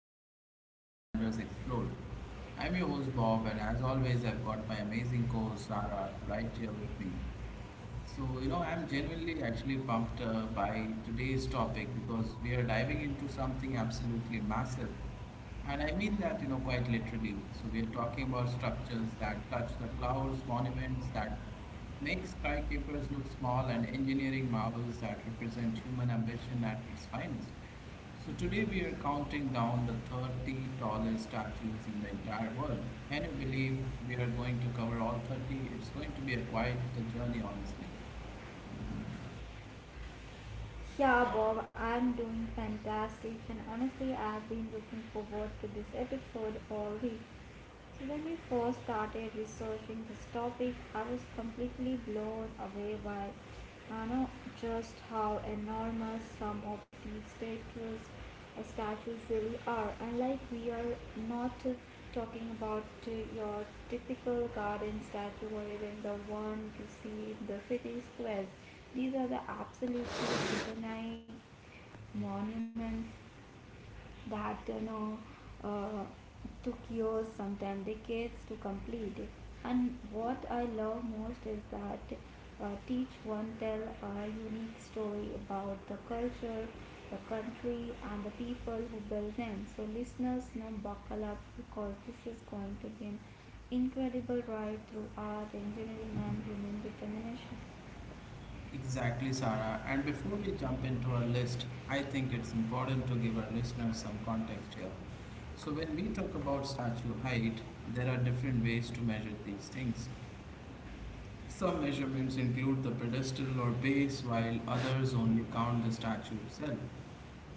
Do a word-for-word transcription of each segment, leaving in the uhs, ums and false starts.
episode of World Wonders Explored. I'm your host Bob, and as always, I've got my amazing co host Sarah right here with me. So, you know, I'm genuinely actually pumped uh, by today's topic because we are diving into something absolutely massive. And I mean that, you know, quite literally. So, we are talking about structures that touch the clouds, monuments that make skyscrapers look small, and engineering marvels that represent human ambition at its finest. So, today we are counting down the thirty tallest statues in the entire world. Can you believe we are going to cover all thirty? It's going to be a quite the journey, honestly. Yeah, Bob, I'm doing fantastic, and honestly, I've been looking forward to this episode all week. So when we first started researching this topic, I was completely blown away by you know just how enormous some of these statues uh, statues really are. And like we are not uh, talking about uh, your typical garden statue or even the one you see in the city squares. These are the absolutely infinite monuments that you know uh, took years, sometimes decades to complete. And what I love most is that uh, each one tell a unique story about the culture, the country, and the people who built them. So listeners, now buckle up because this is going to be an incredible ride through art, engineering, and human determination. Exactly, Sarah. And before we jump into our list, I think it's important to give our listeners some context here. So, when we talk about statue height, there are different ways to measure these things. Some measurements include the pedestal or base, while others only count the statue itself.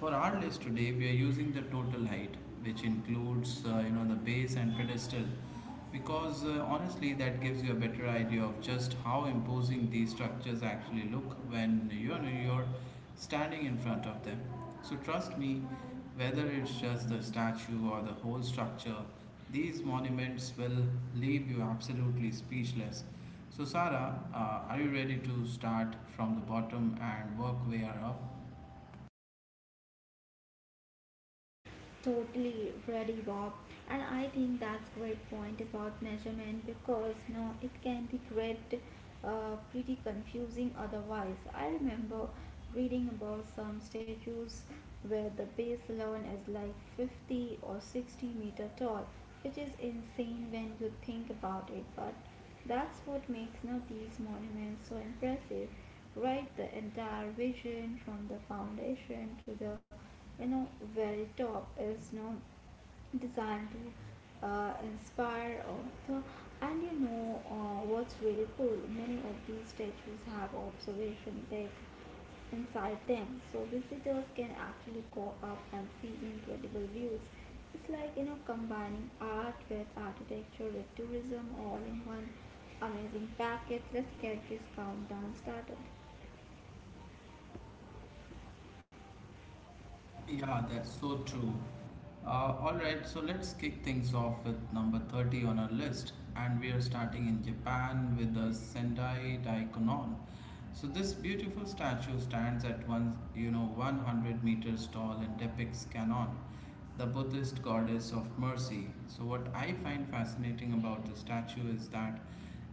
For our list today, we are using the total height, which includes uh, you know the base and pedestal, because uh, honestly that gives you a better idea of just how imposing these structures actually look when you know you're standing in front of them. So trust me, whether it's just the statue or the whole structure, these monuments will leave you absolutely speechless. So Sarah, uh, are you ready to start from the bottom and work way up? Totally ready, Bob. And I think that's great point about measurement because no, it can be great, uh, pretty confusing otherwise. I remember reading about some statues where the base alone is like fifty or sixty meter tall, which is insane when you think about it. But that's what makes now these monuments so impressive, right? The entire vision from the foundation to the you know very top is now designed to uh, inspire author, and you know uh, what's really cool, many of these statues have observation deck inside them, so visitors can actually go up and see incredible views. It's like you know combining art with architecture with tourism all in one amazing package. Let's get this countdown started. Yeah, that's so true. Uh, all right, so let's kick things off with number thirty on our list, and we are starting in Japan with the Sendai Daikonon. So this beautiful statue stands at one, you know, one hundred meters tall and depicts Kanon, the Buddhist goddess of mercy. So what I find fascinating about the statue is that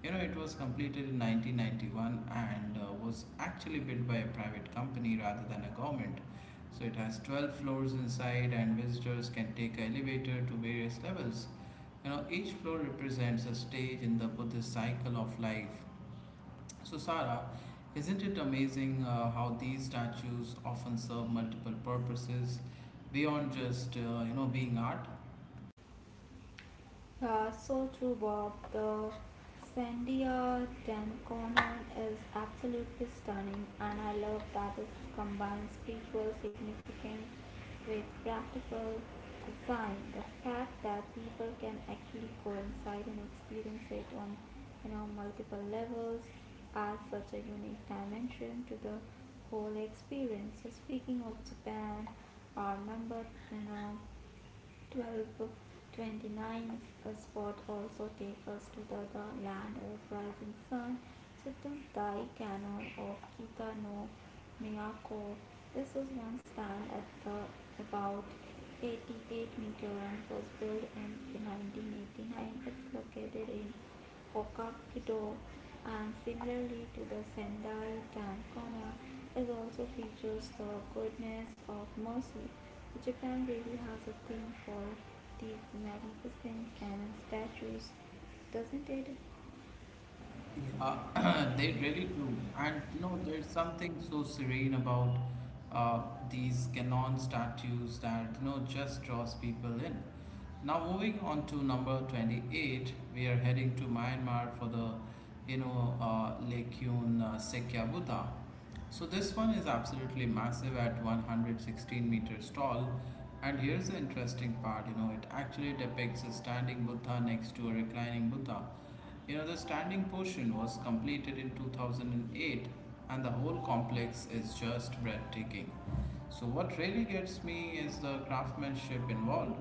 you know, it was completed in nineteen ninety-one and uh, was actually built by a private company rather than a government. So it has twelve floors inside, and visitors can take an elevator to various levels. You know, each floor represents a stage in the Buddhist cycle of life. So, Sarah, isn't it amazing uh, how these statues often serve multiple purposes beyond just, uh, you know, being art? Yeah, so true, Bob. The Sandia Dan Conan is absolutely stunning, and I love that it combines spiritual significance with practical design. The fact that people can actually coincide and experience it on you know multiple levels adds such a unique dimension to the whole experience. So speaking of Japan, our member, you know. twelve 29th spot also takes us to the, the land of rising sun, Chitam Dai Canon of Kita no Miyako. This was once stand at the about eighty-eight meter and was built in nineteen eighty-nine. It's located in Hokkaido, and similarly to the Sendai Tankona, is also features the goodness of mercy. Japan really has a thing for these magnificent cannon statues, doesn't it? Yeah, they really do. And you know, there's something so serene about uh, these Canon statues that you know just draws people in. Now, moving on to number twenty-eight, we are heading to Myanmar for the you know uh, Lake Yun uh, Sekya Buddha. So this one is absolutely massive at one hundred sixteen meters tall. And here's the interesting part, you know, it actually depicts a standing Buddha next to a reclining Buddha. You know, the standing portion was completed in two thousand eight and eight, and the whole complex is just breathtaking. So what really gets me is the craftsmanship involved.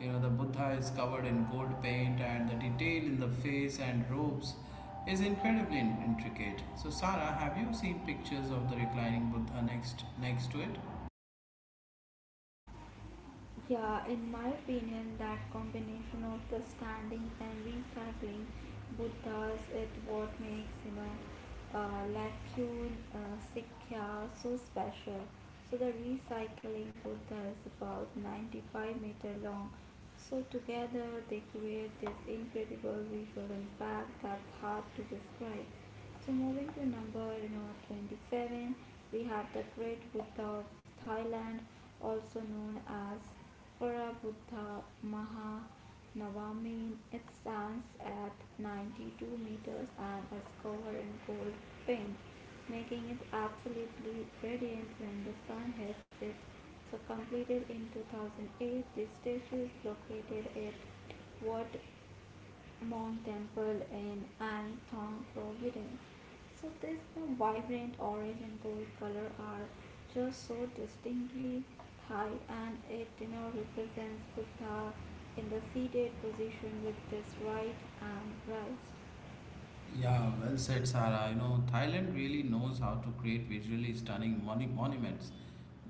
You know, the Buddha is covered in gold paint, and the detail in the face and robes is incredibly intricate. So, Sarah, have you seen pictures of the reclining Buddha next next to it? Yeah, in my opinion, that combination of the standing and recycling both does it, what makes you know uh, Lakun uh, Sikya so special. So the recycling Buddha is about ninety-five meter long. So together they create this incredible visual impact that's hard to describe. So moving to number you know, twenty-seven, we have the Great Buddha of Thailand, also known as Phara Buddha Maha. It stands at ninety-two meters and is covered in gold paint, making it absolutely radiant when the sun hits it. So completed in two thousand eight, this statue is located at Wat Mong Temple in Anthong, Providence. So this the vibrant orange and gold color are just so distinctly Thai, and it you know represents Buddha in the seated position with his right arm raised. Yeah, well said, Sarah. You know, Thailand really knows how to create visually stunning monu- monuments.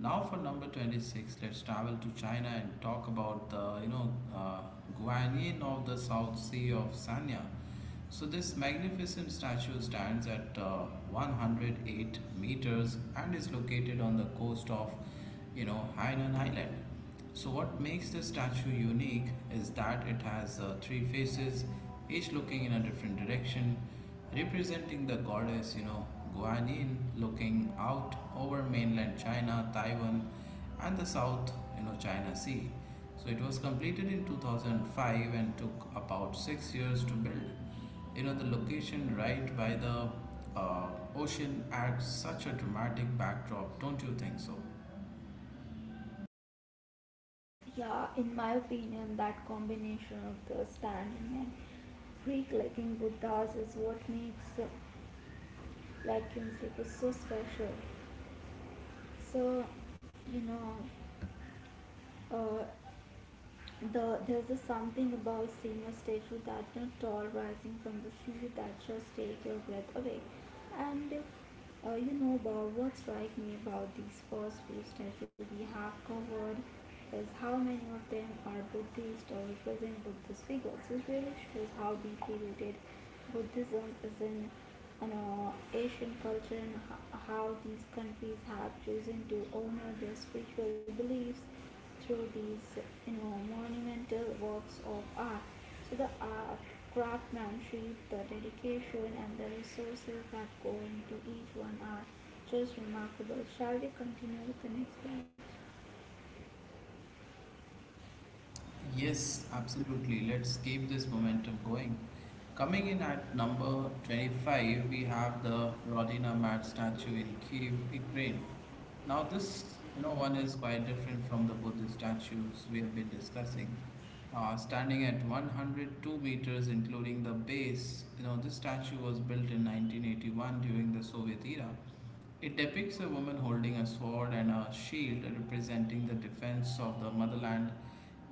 Now, for number twenty-six, let's travel to China and talk about the, you know, uh, Guanyin of the South Sea of Sanya. So, this magnificent statue stands at uh, one hundred eight meters and is located on the coast of, you know, Hainan Island. So, what makes the statue unique is that it has uh, three faces, each looking in a different direction, representing the goddess, you know, Guanyin, looking out over mainland China, Taiwan, and the South, you know, China Sea. So, it was completed in two thousand five and took about six years to build. You know, the location right by the uh, ocean adds such a dramatic backdrop, don't you think so? Yeah, in my opinion that combination of the standing and Greek liking Buddhas is what makes uh, like Kinship is so special. So, you know, uh, the there's a something about seeing a statue that is tall rising from the sea that just take your breath away. And uh, you know Bob, what strikes me about these first few statues we have covered is how many of them are Buddhist or represent Buddhist figures. It really shows how deeply rooted Buddhism is in you know, Asian culture, and ho- how these countries have chosen to honor their spiritual beliefs through these you know monumental works of art. So the art, craftsmanship, the dedication and the resources that go into each one are just remarkable. Shall we continue with the next batch? Yes, absolutely. Let's keep this momentum going. Coming in at number twenty-five, we have the Rodina Mat statue in Kiev, Ukraine. Now, this you know one is quite different from the Buddhist statues we have been discussing. Uh, standing at one hundred two meters, including the base, you know this statue was built in nineteen eighty-one during the Soviet era. It depicts a woman holding a sword and a shield, representing the defense of the motherland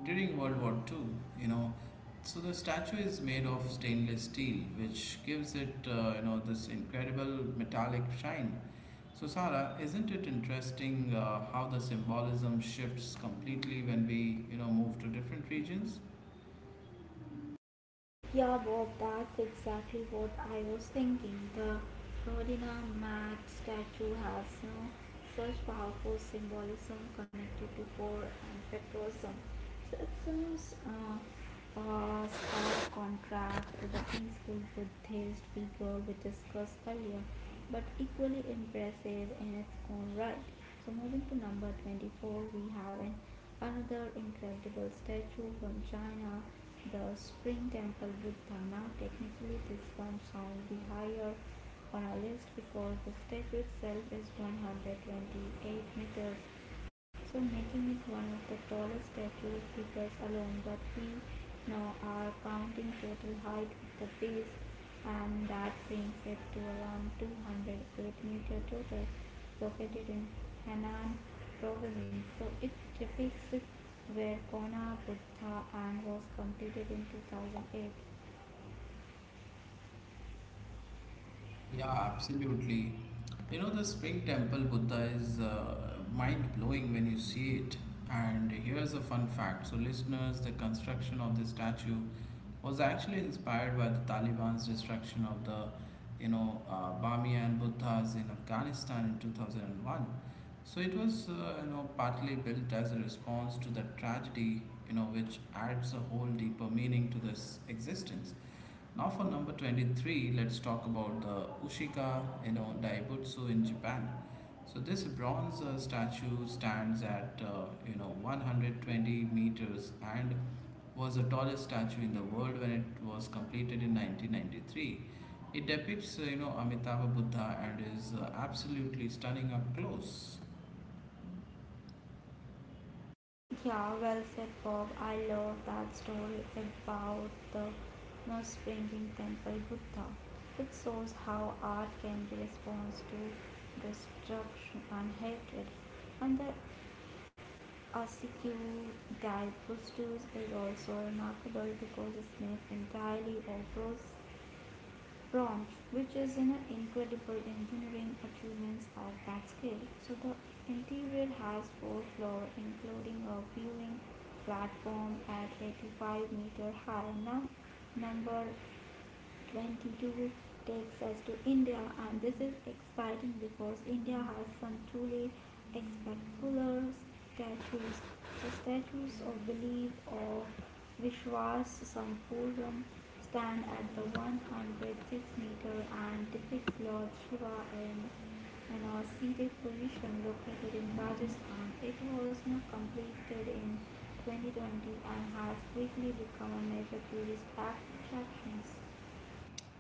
during World War Two, you know. So the statue is made of stainless steel, which gives it, uh, you know, this incredible metallic shine. So Sarah, isn't it interesting uh, how the symbolism shifts completely when we, you know, move to different regions? Yeah, Bob, that's exactly what I was thinking. The Rodina Mad statue has no such powerful symbolism connected to war and patriotism. So it seems uh, a stark contrast to the peaceful Buddhist figure we discussed earlier, but equally impressive in its own right. So moving to number twenty-four, we have an, another incredible statue from China, the spring temple Buddha. Now, technically, this one sound be higher on our list because the statue itself is one hundred twenty-eight meters, so making it one of the tallest statue figures alone. But we now are counting total height with the base, and that brings it to around two hundred eight meter total, located in Henan province. So it depicts where Kona Buddha and was completed in two thousand eight. Yeah, absolutely. You know, the spring temple Buddha is uh, mind blowing when you see it. And here's a fun fact. So, listeners, the construction of the statue was actually inspired by the Taliban's destruction of the, you know, uh, Bamiyan Buddhas in Afghanistan in two thousand one. So, it was, uh, you know, partly built as a response to that tragedy, you know, which adds a whole deeper meaning to this existence. Now for number twenty-three, let's talk about the Ushika you know, Daibutsu in Japan. So this bronze uh, statue stands at uh, you know one hundred twenty meters and was the tallest statue in the world when it was completed in nineteen ninety-three. It depicts uh, you know Amitabha Buddha and is uh, absolutely stunning up close. Yeah, well said, Bob. I love that story about the no springing temple Buddha. It shows how art can be response to destruction and hatred. And the Ossequian diprostus is also remarkable because its made entirely of rose bronze, which is an incredible engineering achievements of that scale. So the interior has four floors, including a viewing platform at eighty-five meter high. Now, number twenty-two takes us to India, and this is exciting because India has some truly spectacular statues. The statues of belief of Vishwas Sampuram stand at the one hundred six meter and depicts Lord Shiva in, in a seated position located in Rajasthan. It was not completed in twenty twenty and has quickly become a major tourist attraction.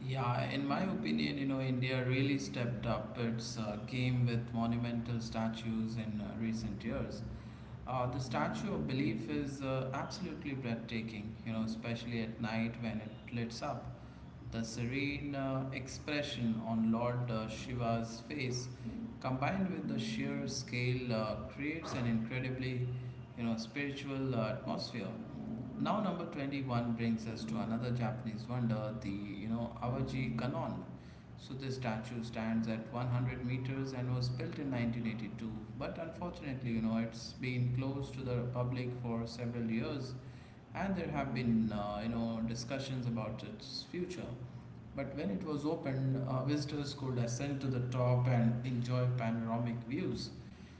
Yeah, in my opinion, you know, India really stepped up its uh, game with monumental statues in uh, recent years. Uh, the Statue of Belief is uh, absolutely breathtaking, you know, especially at night when it lights up. The serene uh, expression on Lord uh, Shiva's face, combined with the sheer scale, uh, creates an incredibly, you know, spiritual uh, atmosphere. Now number twenty-one brings us to another Japanese wonder, the you know Awaji Kanon. So this statue stands at one hundred meters and was built in nineteen eighty-two, but unfortunately, you know, it's been closed to the public for several years, and there have been uh, you know discussions about its future. But when it was opened, uh, visitors could ascend to the top and enjoy panoramic views.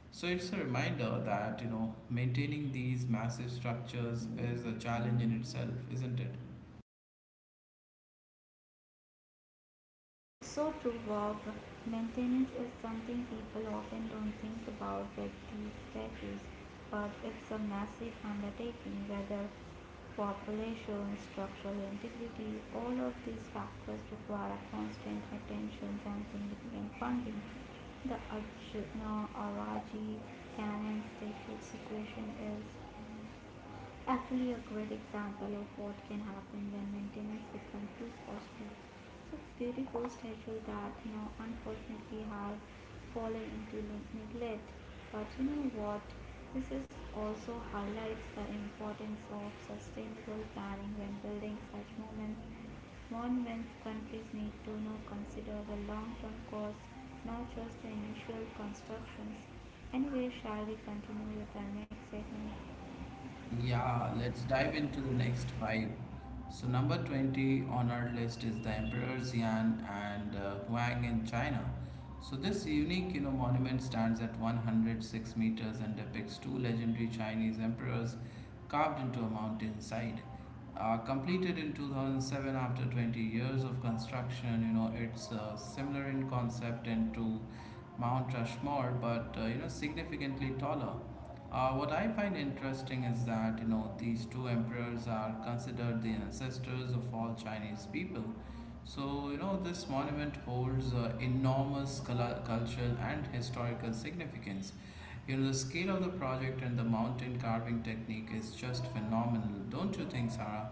So it's a reminder that, you know, maintaining these massive structures is a challenge in itself, isn't it? So true, Bob. Maintenance is something people often don't think about with these statues, but it's a massive undertaking, whether population, structural integrity, all of these factors require constant attention and significant funding. The Aj- no, Araji Cannon statue situation is actually a great example of what can happen when maintenance becomes too costly. So, this beautiful statue that now unfortunately has fallen into ne- neglect. But you know what? This is also highlights the importance of sustainable planning when building such moments. Monuments countries need to now consider the long-term cost, not just the initial constructions. Anyway, shall we continue with our next segment? Yeah, let's dive into the next five. So, number twenty on our list is the Emperor Xian and uh, Huang in China. So, this unique you know, monument stands at one hundred six meters and depicts two legendary Chinese emperors carved into a mountain side. Uh, completed in two thousand seven after twenty years of construction, you know, it's uh, similar in concept and to Mount Rushmore, but uh, you know, significantly taller. Uh, what I find interesting is that you know these two emperors are considered the ancestors of all Chinese people. So you know this monument holds uh, enormous cul- cultural and historical significance. You know the scale of the project and the mountain carving technique is just phenomenal, don't you think, Sarah?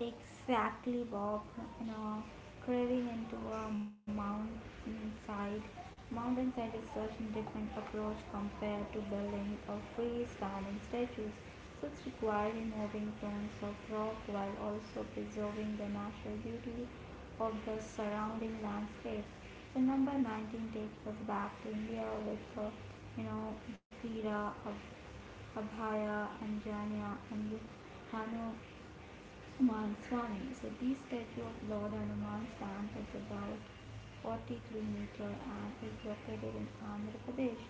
Exactly, Bob. You know, craving into a mountainside. Mountainside is such a different approach compared to building or freestanding statues. So it's requiring moving tones of rock while also preserving the natural beauty of the surrounding landscape. So number nineteen takes us back to India with the, you know, Veera, Ab- Abhaya, Anjanya, and Hanu Aman Swami. So this statue of Lord Hanuman stands at about forty-three meter and is located in Andhra Pradesh.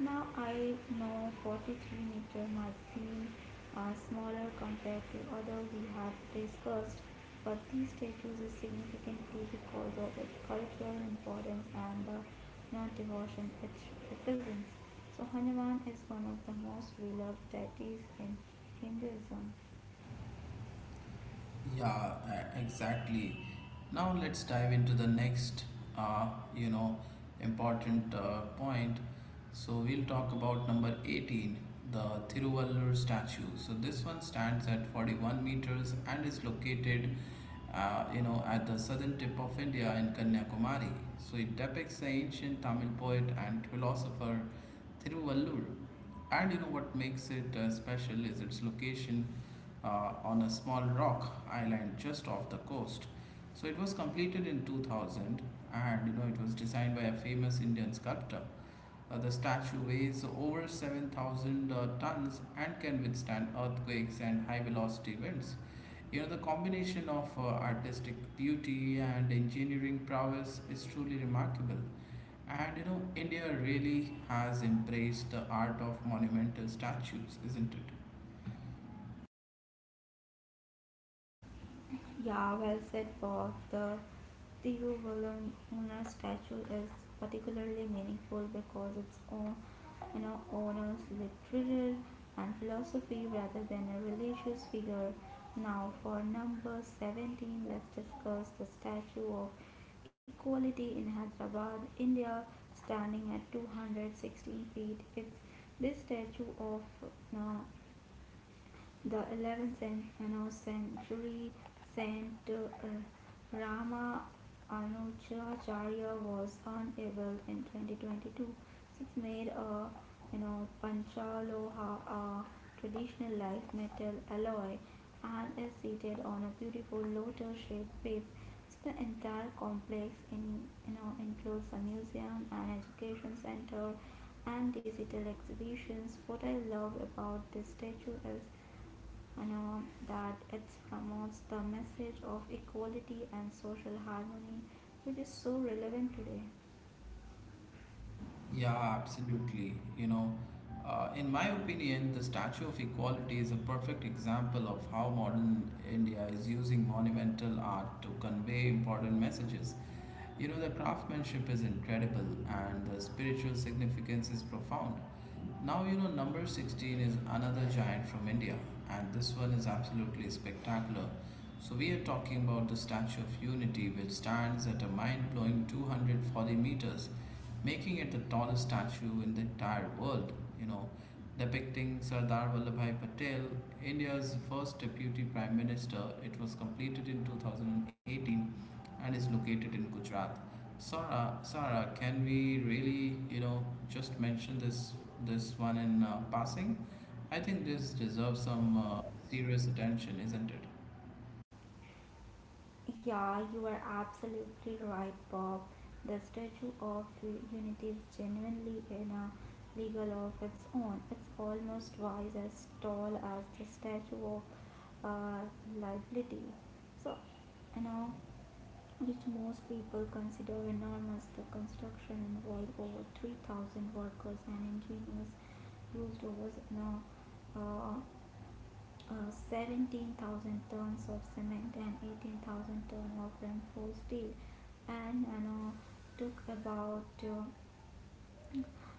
Now I know forty-three meter might seem uh, smaller compared to other we have discussed, but this statue is significant too because of its cultural importance and the non-devotion it represents. So Hanuman is one of the most beloved deities in Hinduism. Yeah, e- exactly. Now let's dive into the next, uh, you know, important uh, point. So we'll talk about number eighteen, the Thiruvalur statue. So this one stands at forty-one meters and is located, uh, you know, at the southern tip of India in Kanyakumari. So it depicts the ancient Tamil poet and philosopher Thiruvallur, and you know what makes it uh, special is its location uh, on a small rock island just off the coast. So it was completed in two thousand and you know it was designed by a famous Indian sculptor. Uh, the statue weighs over seven thousand uh, tons and can withstand earthquakes and high velocity winds. You know, the combination of uh, artistic beauty and engineering prowess is truly remarkable. And you know, India really has embraced the art of monumental statues, isn't it? Yeah, well said, Bob. The Tiruvalluvar statue is particularly meaningful because its own, you know, honors literature and philosophy rather than a religious figure. Now, for number seventeen, let's discuss the statue of equality in Hyderabad, India, standing at two hundred sixteen feet. It's this statue of you know, the eleventh century Saint Rama Anujacharya was unable in twenty twenty-two. It's made a you know panchaloha, a traditional life metal alloy, and is seated on a beautiful lotus-shaped base. So the entire complex in you know includes a museum, an education center, and digital exhibitions. What I love about this statue is you know, that it promotes the message of equality and social harmony, which is so relevant today. Yeah, absolutely. You know, uh, in my opinion, the Statue of Equality is a perfect example of how modern India is using monumental art to convey important messages. You know, the craftsmanship is incredible and the spiritual significance is profound. Now, you know, number sixteen is another giant from India, and this one is absolutely spectacular. So, we are talking about the Statue of Unity, which stands at a mind blowing two hundred forty meters, making it the tallest statue in the entire world. You know, depicting Sardar Vallabhai Patel, India's first deputy prime minister, it was completed in two thousand eighteen and is located in Gujarat. Sarah, Sarah, can we really, you know, just mention this this one in uh, passing? I think this deserves some uh, serious attention, isn't it? Yeah, you are absolutely right, Bob. The Statue of Unity is genuinely in a legal of its own. It's almost twice as tall as the Statue of uh, Liberty. So, you know. which most people consider enormous. The construction involved over three thousand workers and engineers used over no, uh, uh, seventeen thousand tons of cement and eighteen thousand tons of reinforced steel, and you know, took about uh,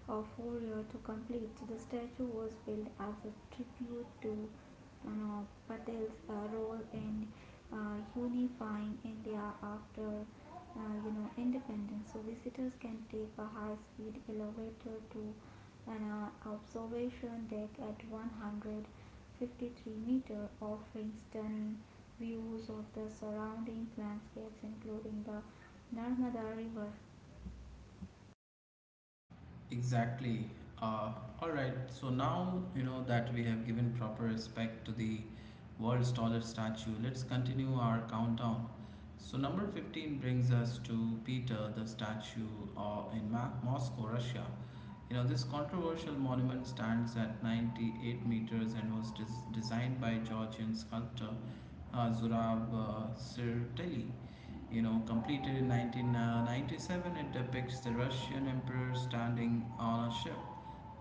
of Fourier to complete. So the statue was built as a tribute to uh, Patel's uh, role in uh, unifying India after uh, you know independence. So visitors can take a high-speed elevator to an uh, observation deck at one hundred fifty-three meter, offering stunning views of the surrounding landscapes, including the Narmada River. Exactly. Uh, all right. So now you know that we have given proper respect to the world's tallest statue. Let's continue our countdown. So number fifteen brings us to Peter, the statue uh, in Ma- Moscow, Russia. You know this controversial monument stands at ninety-eight meters and was des- designed by Georgian sculptor uh, Zurab uh, Sirteli you know, completed in nineteen ninety-seven, it depicts the Russian emperor standing on a ship.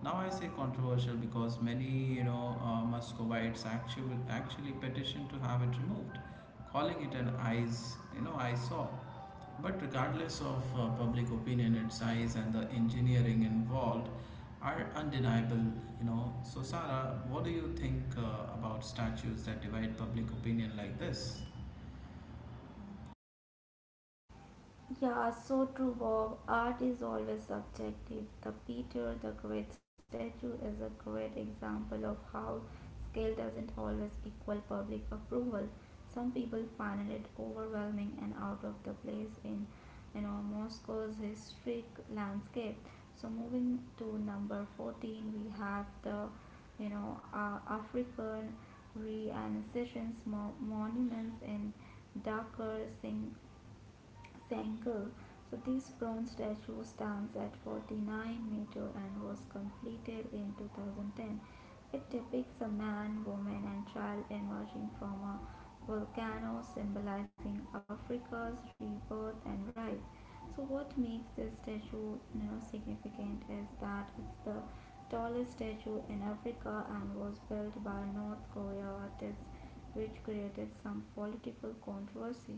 Now I say controversial because many, you know, uh, Muscovites actually actually petitioned to have it removed, calling it an eyes, you know, eyesore. But regardless of uh, public opinion, its size and the engineering involved are undeniable. You know, so Sarah, what do you think uh, about statues that divide public opinion like this? Yeah, so true, Bob. Art is always subjective. The Peter the Great statue is a great example of how scale doesn't always equal public approval. Some people find it overwhelming and out of the place in, you know, Moscow's historic landscape. So moving to number fourteen, we have the, you know, uh, African Renaissance mo- monuments in Dhaka, Singh Sangha. So this bronze statue stands at forty-nine meter and was completed in two thousand ten. It depicts a man, woman and child emerging from a volcano, symbolizing Africa's rebirth and rise. So what makes this statue you know, significant is that it's the tallest statue in Africa and was built by North Korea artists, which created some political controversy.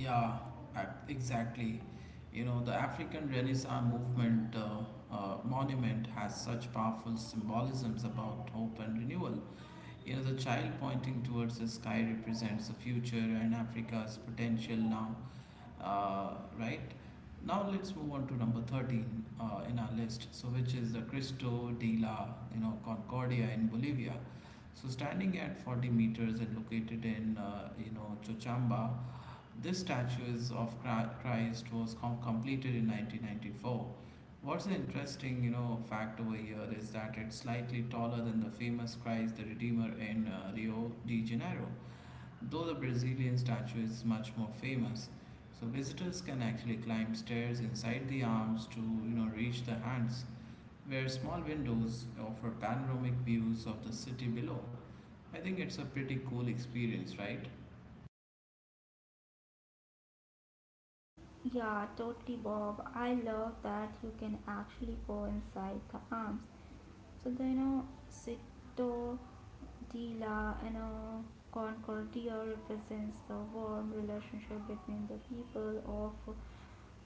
Yeah, ac- exactly. You know, the African Renaissance movement uh, uh, monument has such powerful symbolisms about hope and renewal. You know, the child pointing towards the sky represents the future and Africa's potential now, uh, right? Now let's move on to number thirteen uh, in our list, so which is the Cristo de la, you know, Concordia in Bolivia. So standing at forty meters and located in, uh, you know, Chochamba, this statues of Chri- Christ was com- completed in nineteen ninety-four. What's an interesting, you know, fact over here is that it's slightly taller than the famous Christ the Redeemer in uh, Rio de Janeiro, though the Brazilian statue is much more famous. So visitors can actually climb stairs inside the arms to, you know, reach the hands, where small windows offer panoramic views of the city below. I think it's a pretty cool experience, right? Yeah, totally, Bob. I love that you can actually go inside the arms. So, the, you know, Sito de la you know, Concordia represents the warm relationship between the people of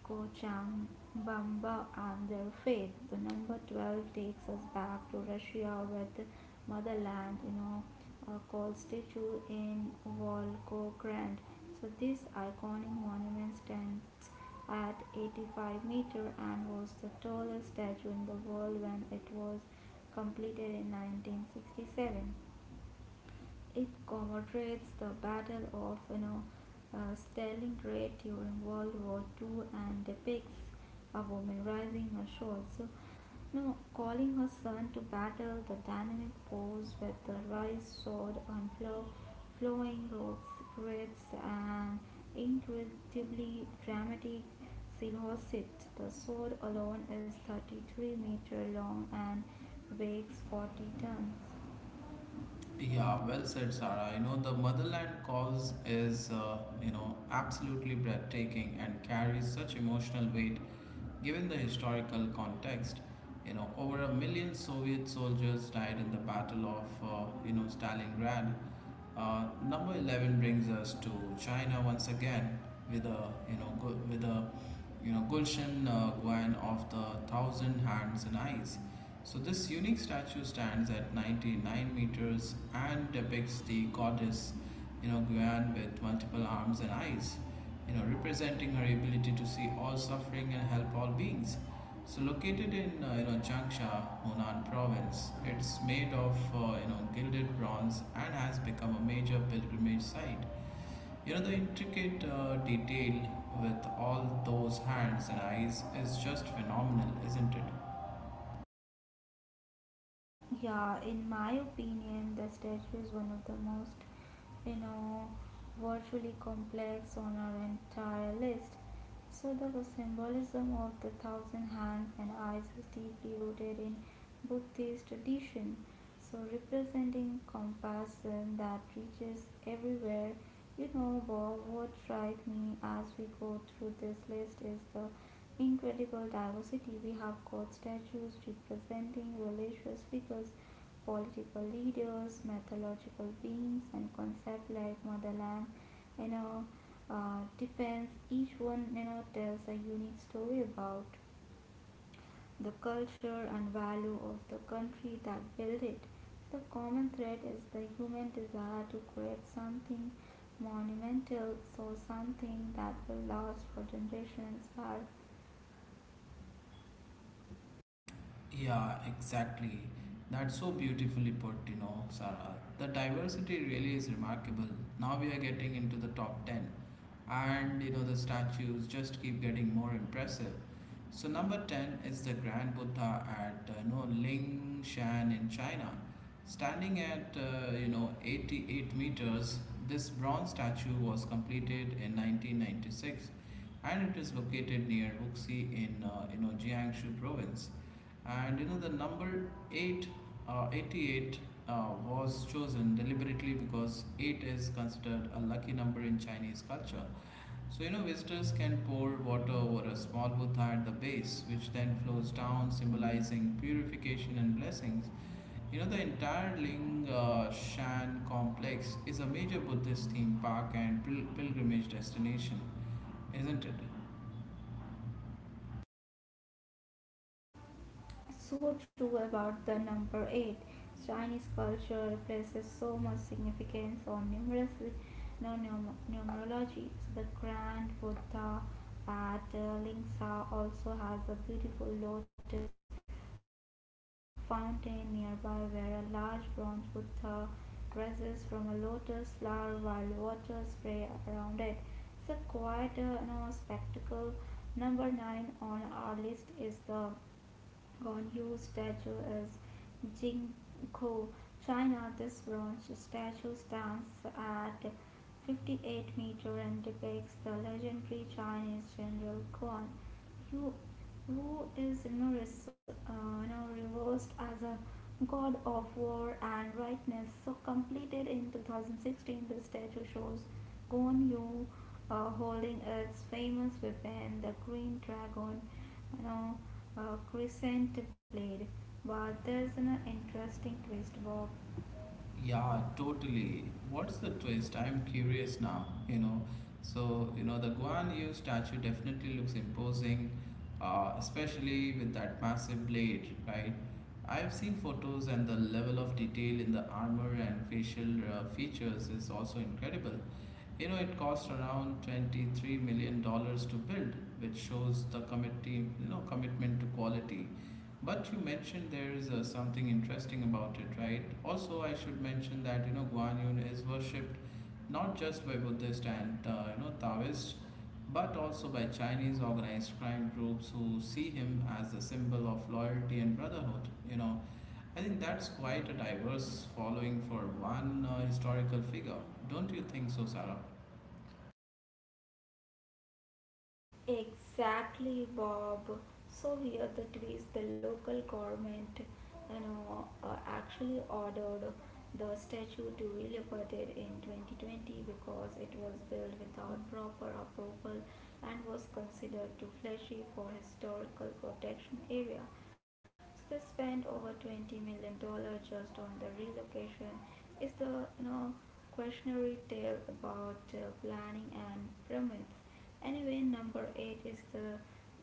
Kochang, Bamba, and their faith. The number twelve takes us back to Russia where the motherland, you know, uh, called statue in Volgograd. So this iconic monument stands at eighty-five meter and was the tallest statue in the world when it was completed in nineteen sixty-seven. It commemorates the Battle of you know, uh, Stalingrad during World War Two, and depicts a woman rising her sword. So, you know, calling her son to battle, the dynamic pose with the rice sword and flow, flowing robes creates an incredibly dramatic silhouette. The sword alone is thirty-three meter long and weighs forty tons. Yeah, well said, Sarah. You know, the Motherland Calls is, uh, you know, absolutely breathtaking and carries such emotional weight given the historical context. You know, over a million Soviet soldiers died in the Battle of, uh, you know, Stalingrad. Uh, number eleven brings us to China once again with a, you know, gu- with a, you know, Gulshan uh, Guan of the Thousand Hands and Eyes. So this unique statue stands at ninety-nine meters and depicts the goddess, you know, Guan with multiple arms and eyes, you know, representing her ability to see all suffering and help all beings. So located in uh, you know Changsha, Hunan province, it's made of uh, you know gilded bronze and has become a major pilgrimage site. You know the intricate uh, detail with all those hands and eyes is just phenomenal, isn't it? Yeah, in my opinion, the statue is one of the most, you know, virtually complex on our entire list. So the symbolism of the thousand hands and eyes is deeply rooted in Buddhist tradition. So representing compassion that reaches everywhere, you know, but what strikes me as we go through this list is the incredible diversity. We have got statues representing religious figures, political leaders, mythological beings, and concepts like motherland. You know, uh, Defense. Each one, you know, tells a unique story about the culture and value of the country that built it. The common thread is the human desire to create something monumental, so something that will last for generations. Inspire Yeah, exactly. That's so beautifully put, you know, Sarah. The diversity really is remarkable. Now we are getting into the top ten, and you know, the statues just keep getting more impressive. So, number ten is the Grand Buddha at uh, you know, Lingshan in China. Standing at uh, you know eighty-eight meters, this bronze statue was completed in nineteen ninety-six and it is located near Wuxi in uh, you know Jiangsu province. And you know the number eight, uh, eighty-eight uh, was chosen deliberately because eight is considered a lucky number in Chinese culture. So you know visitors can pour water over a small buddha at the base, which then flows down, symbolizing purification and blessings. You know, the entire Ling uh, Shan complex is a major Buddhist theme park and pil- pilgrimage destination, isn't it? so true about the number eight. Chinese culture places so much significance on numerous no, num- numerology. So the Grand Buddha at uh, Lingsa also has a beautiful lotus fountain nearby where a large bronze Buddha rises from a lotus flower while water spray around it. It's a quite uh, you know, spectacle. Number nine on our list is the Goryeo statue is Jingko, China. This bronze statue stands at fifty-eight meter and depicts the legendary Chinese general Guan Yu, who is notice- uh, now reversed as a god of war and rightness. So completed in two thousand sixteen, the statue shows Guan Yu uh, holding its famous weapon, the Green Dragon you know, uh, crescent blade. But there's an interesting twist, Bob. Yeah, totally. What's the twist? I'm curious now, you know. So, you know, the Guan Yu statue definitely looks imposing, uh, especially with that massive blade, right? I've seen photos and the level of detail in the armor and facial uh, features is also incredible. You know, it cost around $23 million dollars to build, which shows the committee, you know, commitment to quality. But you mentioned there's uh, something interesting about it, right? Also, I should mention that you know Guan Yu is worshipped not just by Buddhist and uh, you know Taoists, but also by Chinese organized crime groups who see him as a symbol of loyalty and brotherhood. You know, I think that's quite a diverse following for one uh, historical figure. Don't you think so, Sarah? Exactly, Bob. So here the twist: the local government, you know, uh, actually ordered the statue to be liberated in twenty twenty because it was built without proper approval and was considered too fleshy for historical protection area. So they spent over twenty million dollars just on the relocation. Is the you know questionary tale about uh, planning and permits. Anyway, number eight is the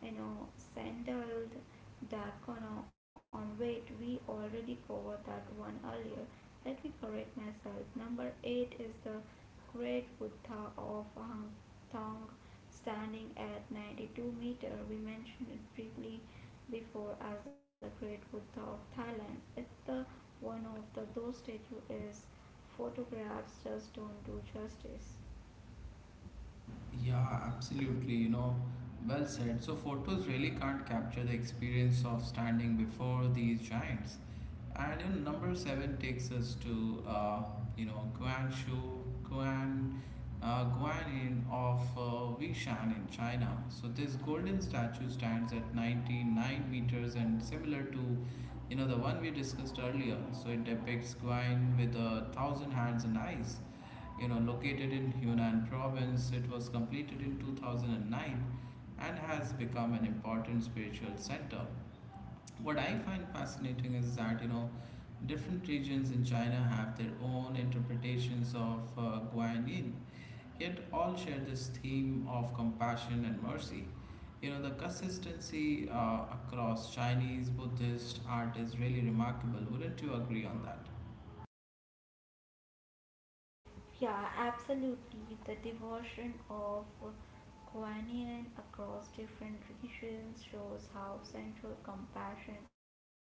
you know sandaled diacono on weight. We already covered that one earlier. Let me correct myself. Number eight is the great Buddha of Hang Tong standing at ninety-two meter. We mentioned it briefly before as the great Buddha of Thailand. It's the one of the those statue is photographs just don't do justice. Yeah, absolutely. You know, well said. So, photos really can't capture the experience of standing before these giants. And in number seven takes us to, uh, you know, Guangzhou, Guan, uh, Guanin of uh, Wishan in China. So, this golden statue stands at ninety-nine meters and similar to, you know, the one we discussed earlier. So, it depicts Guan with a thousand hands and eyes you know, located in Yunnan province. It was completed in two thousand nine and has become an important spiritual center. What I find fascinating is that, you know, different regions in China have their own interpretations of uh, Guanyin, yet all share this theme of compassion and mercy. You know, the consistency uh, across Chinese, Buddhist art is really remarkable. Wouldn't you agree on that? Yeah, absolutely. The devotion of Kuan across different regions shows how central compassion is to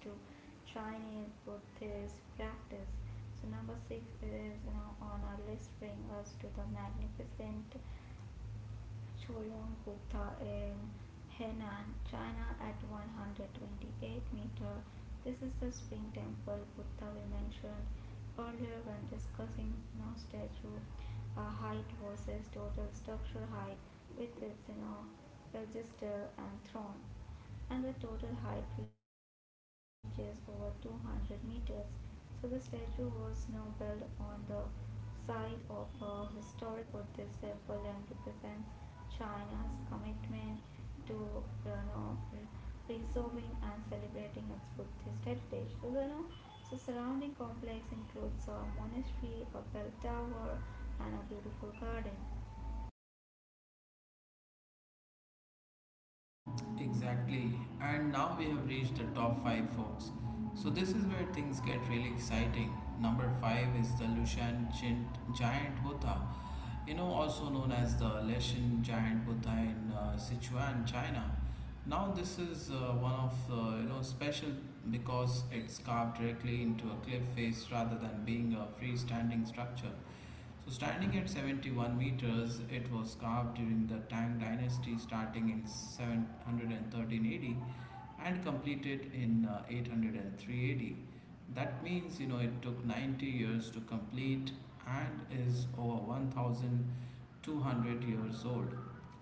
Chinese Buddhist practice. So number six is you know, on our list bring us to the magnificent Choyong Buddha in Henan, China at one hundred twenty-eight meter. This is the spring temple Buddha we mentioned earlier when discussing no statue uh, height versus total structural height with its you know, pedestal and throne. And the total height reaches over two hundred meters. So the statue was now built on the site of a historic Buddhist temple and represents China's commitment to you know, preserving and celebrating its Buddhist heritage. So, you know, so surrounding complex includes a monastery, a bell tower, and a beautiful garden. Exactly. And now we have reached the top five, folks. So this is where things get really exciting. Number five is the Lushan Gin- Giant Buddha, you know, also known as the Leshan Giant Buddha in uh, Sichuan, China. Now this is uh, one of the, you know, special because it's carved directly into a cliff face rather than being a freestanding structure. So, standing at seventy-one meters, it was carved during the Tang dynasty starting in seven hundred thirteen A D and completed in uh, eight hundred three A D. That means, you know, it took ninety years to complete and is over one thousand two hundred years old.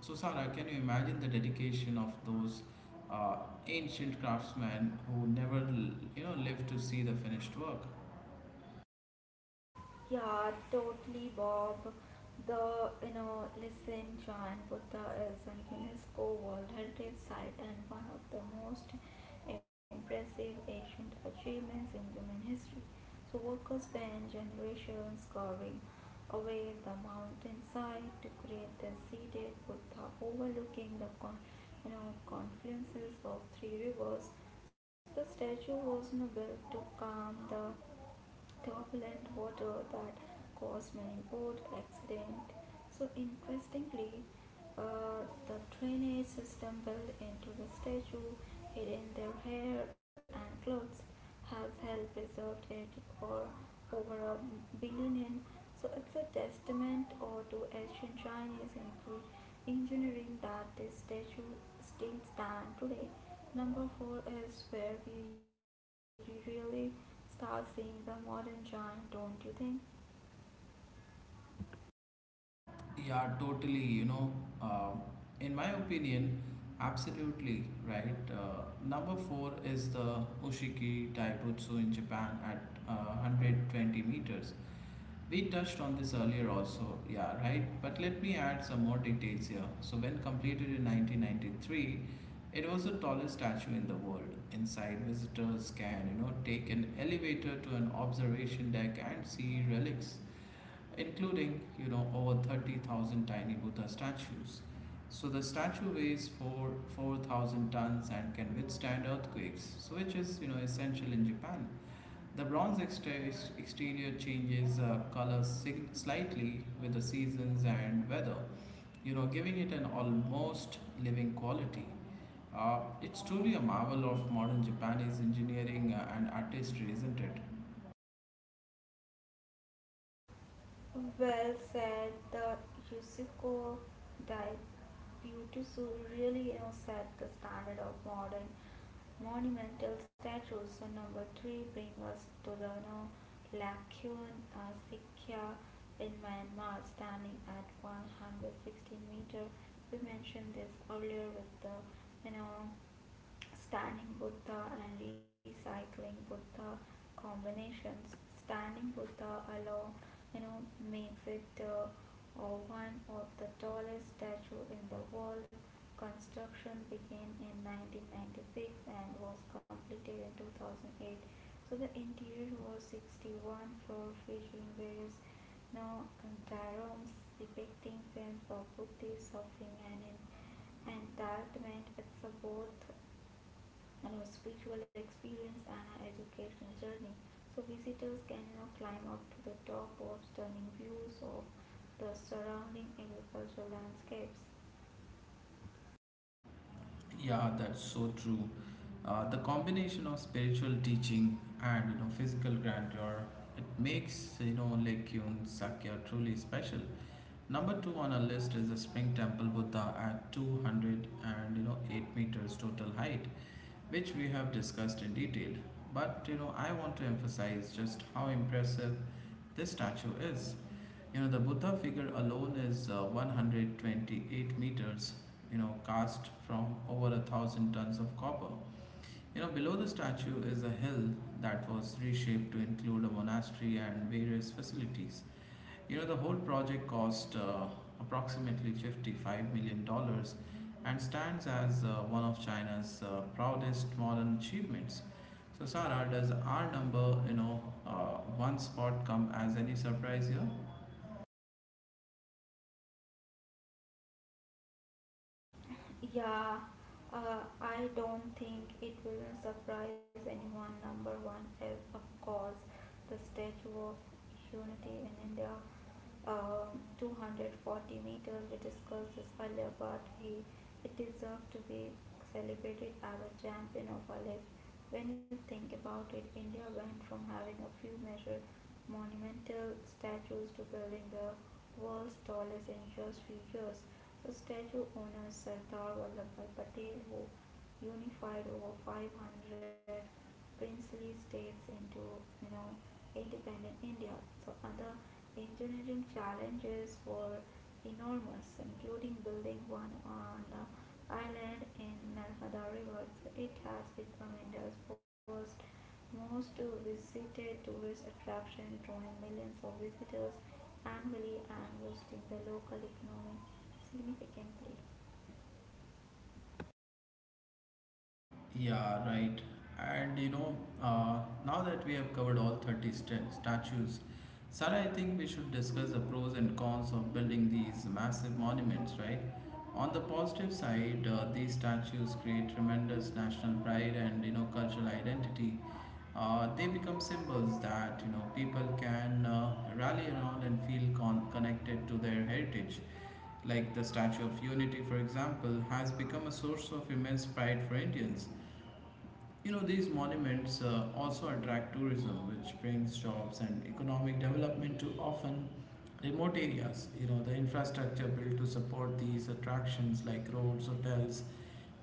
So, Sarah, can you imagine the dedication of those uh, ancient craftsmen who never, you know, lived to see the finished work? Yeah, totally, Bob. The you know, listen, John Buddha is an UNESCO World Heritage Site and one of the most impressive ancient achievements in human history. So workers spent generations carving away the mountainside to create the seated Buddha overlooking the con- you know confluences of three rivers. So the statue was you know, built to calm the turbulent water that caused many boat accidents. So interestingly, uh, the drainage system built into the statue, hidden in their hair and clothes, has helped preserve it for over a billion. So it's a testament or to ancient Chinese eng- engineering that this statue still stands today. Number four is where we really start seeing the modern giant, don't you think? Yeah, totally. You know, uh, in my opinion, absolutely right. Uh, number four is the Oshiki Daibutsu in Japan at uh, one hundred twenty meters. We touched on this earlier also, yeah, right? But let me add some more details here. So, when completed in nineteen ninety-three, it was the tallest statue in the world. Inside, visitors can, you know, take an elevator to an observation deck and see relics including you know over thirty thousand tiny Buddha statues. So the statue weighs four 4,000 tons and can withstand earthquakes, so which is you know essential in Japan. The bronze exter- exterior changes uh, color sig- slightly with the seasons and weather, you know, giving it an almost living quality. Uh, it's truly a marvel of modern Japanese engineering uh, and artistry, isn't it? Well said, the Yusiko Daibutsu really you know, set the standard of modern monumental statues. So number three brings us to the you know, Lakyun uh, Sikya in Myanmar, standing at one hundred sixteen meter. We mentioned this earlier with the you know, Standing Buddha and recycling Buddha combinations. Standing Buddha alone, you know, makes it uh, uh, one of the tallest statue in the world. Construction began in nineteen ninety-six and was completed in two thousand eight. So the interior was sixty-one floor featuring various now, Antaram's depicting sense of Buddhist suffering and en- entitlement. It's a both you know, spiritual experience and an educational journey. So visitors can you know climb up to the top of stunning views of the surrounding agricultural landscapes. Yeah, that's so true. Uh, the combination of spiritual teaching and you know physical grandeur, it makes you know Lake Yun Sakya truly special. Number two on our list is the Spring Temple Buddha at two hundred and you know eight meters total height, which we have discussed in detail. But you know I want to emphasize just how impressive this statue is. You know, the Buddha figure alone is uh, one hundred twenty-eight meters, you know, cast from over a thousand tons of copper. You know, below the statue is a hill that was reshaped to include a monastery and various facilities. You know, the whole project cost uh, approximately fifty-five million dollars and stands as uh, one of China's uh, proudest modern achievements. So, Sarah, does our number, you know, uh, one spot come as any surprise here? Yeah, uh, I don't think it will surprise anyone. Number one is, of course, the Statue of Unity in India, um, two hundred forty meters. We discussed this earlier, but he it deserves to be celebrated as a champion of our lives. When you think about it, India went from having a few measure monumental statues to building the world's tallest in just few years. The statue honors Sardar Vallabhbhai Patel, who unified over five hundred princely states into you know independent India. So other engineering challenges were enormous, including building one on the island in Narmada River. So it has become India's first most visited tourist attraction, drawing millions of visitors annually and boosting the local economy significantly. Yeah, right. And you know, uh, now that we have covered all thirty st- statues, Sarah, I think we should discuss the pros and cons of building these massive monuments, right? On the positive side, uh, these statues create tremendous national pride and you know cultural identity. Uh, they become symbols that you know people can uh, rally around and feel con- connected to their heritage like the Statue of Unity, for example, has become a source of immense pride for Indians. You know, these monuments uh, also attract tourism, which brings jobs and economic development to often remote areas. You know, the infrastructure built to support these attractions, like roads, hotels,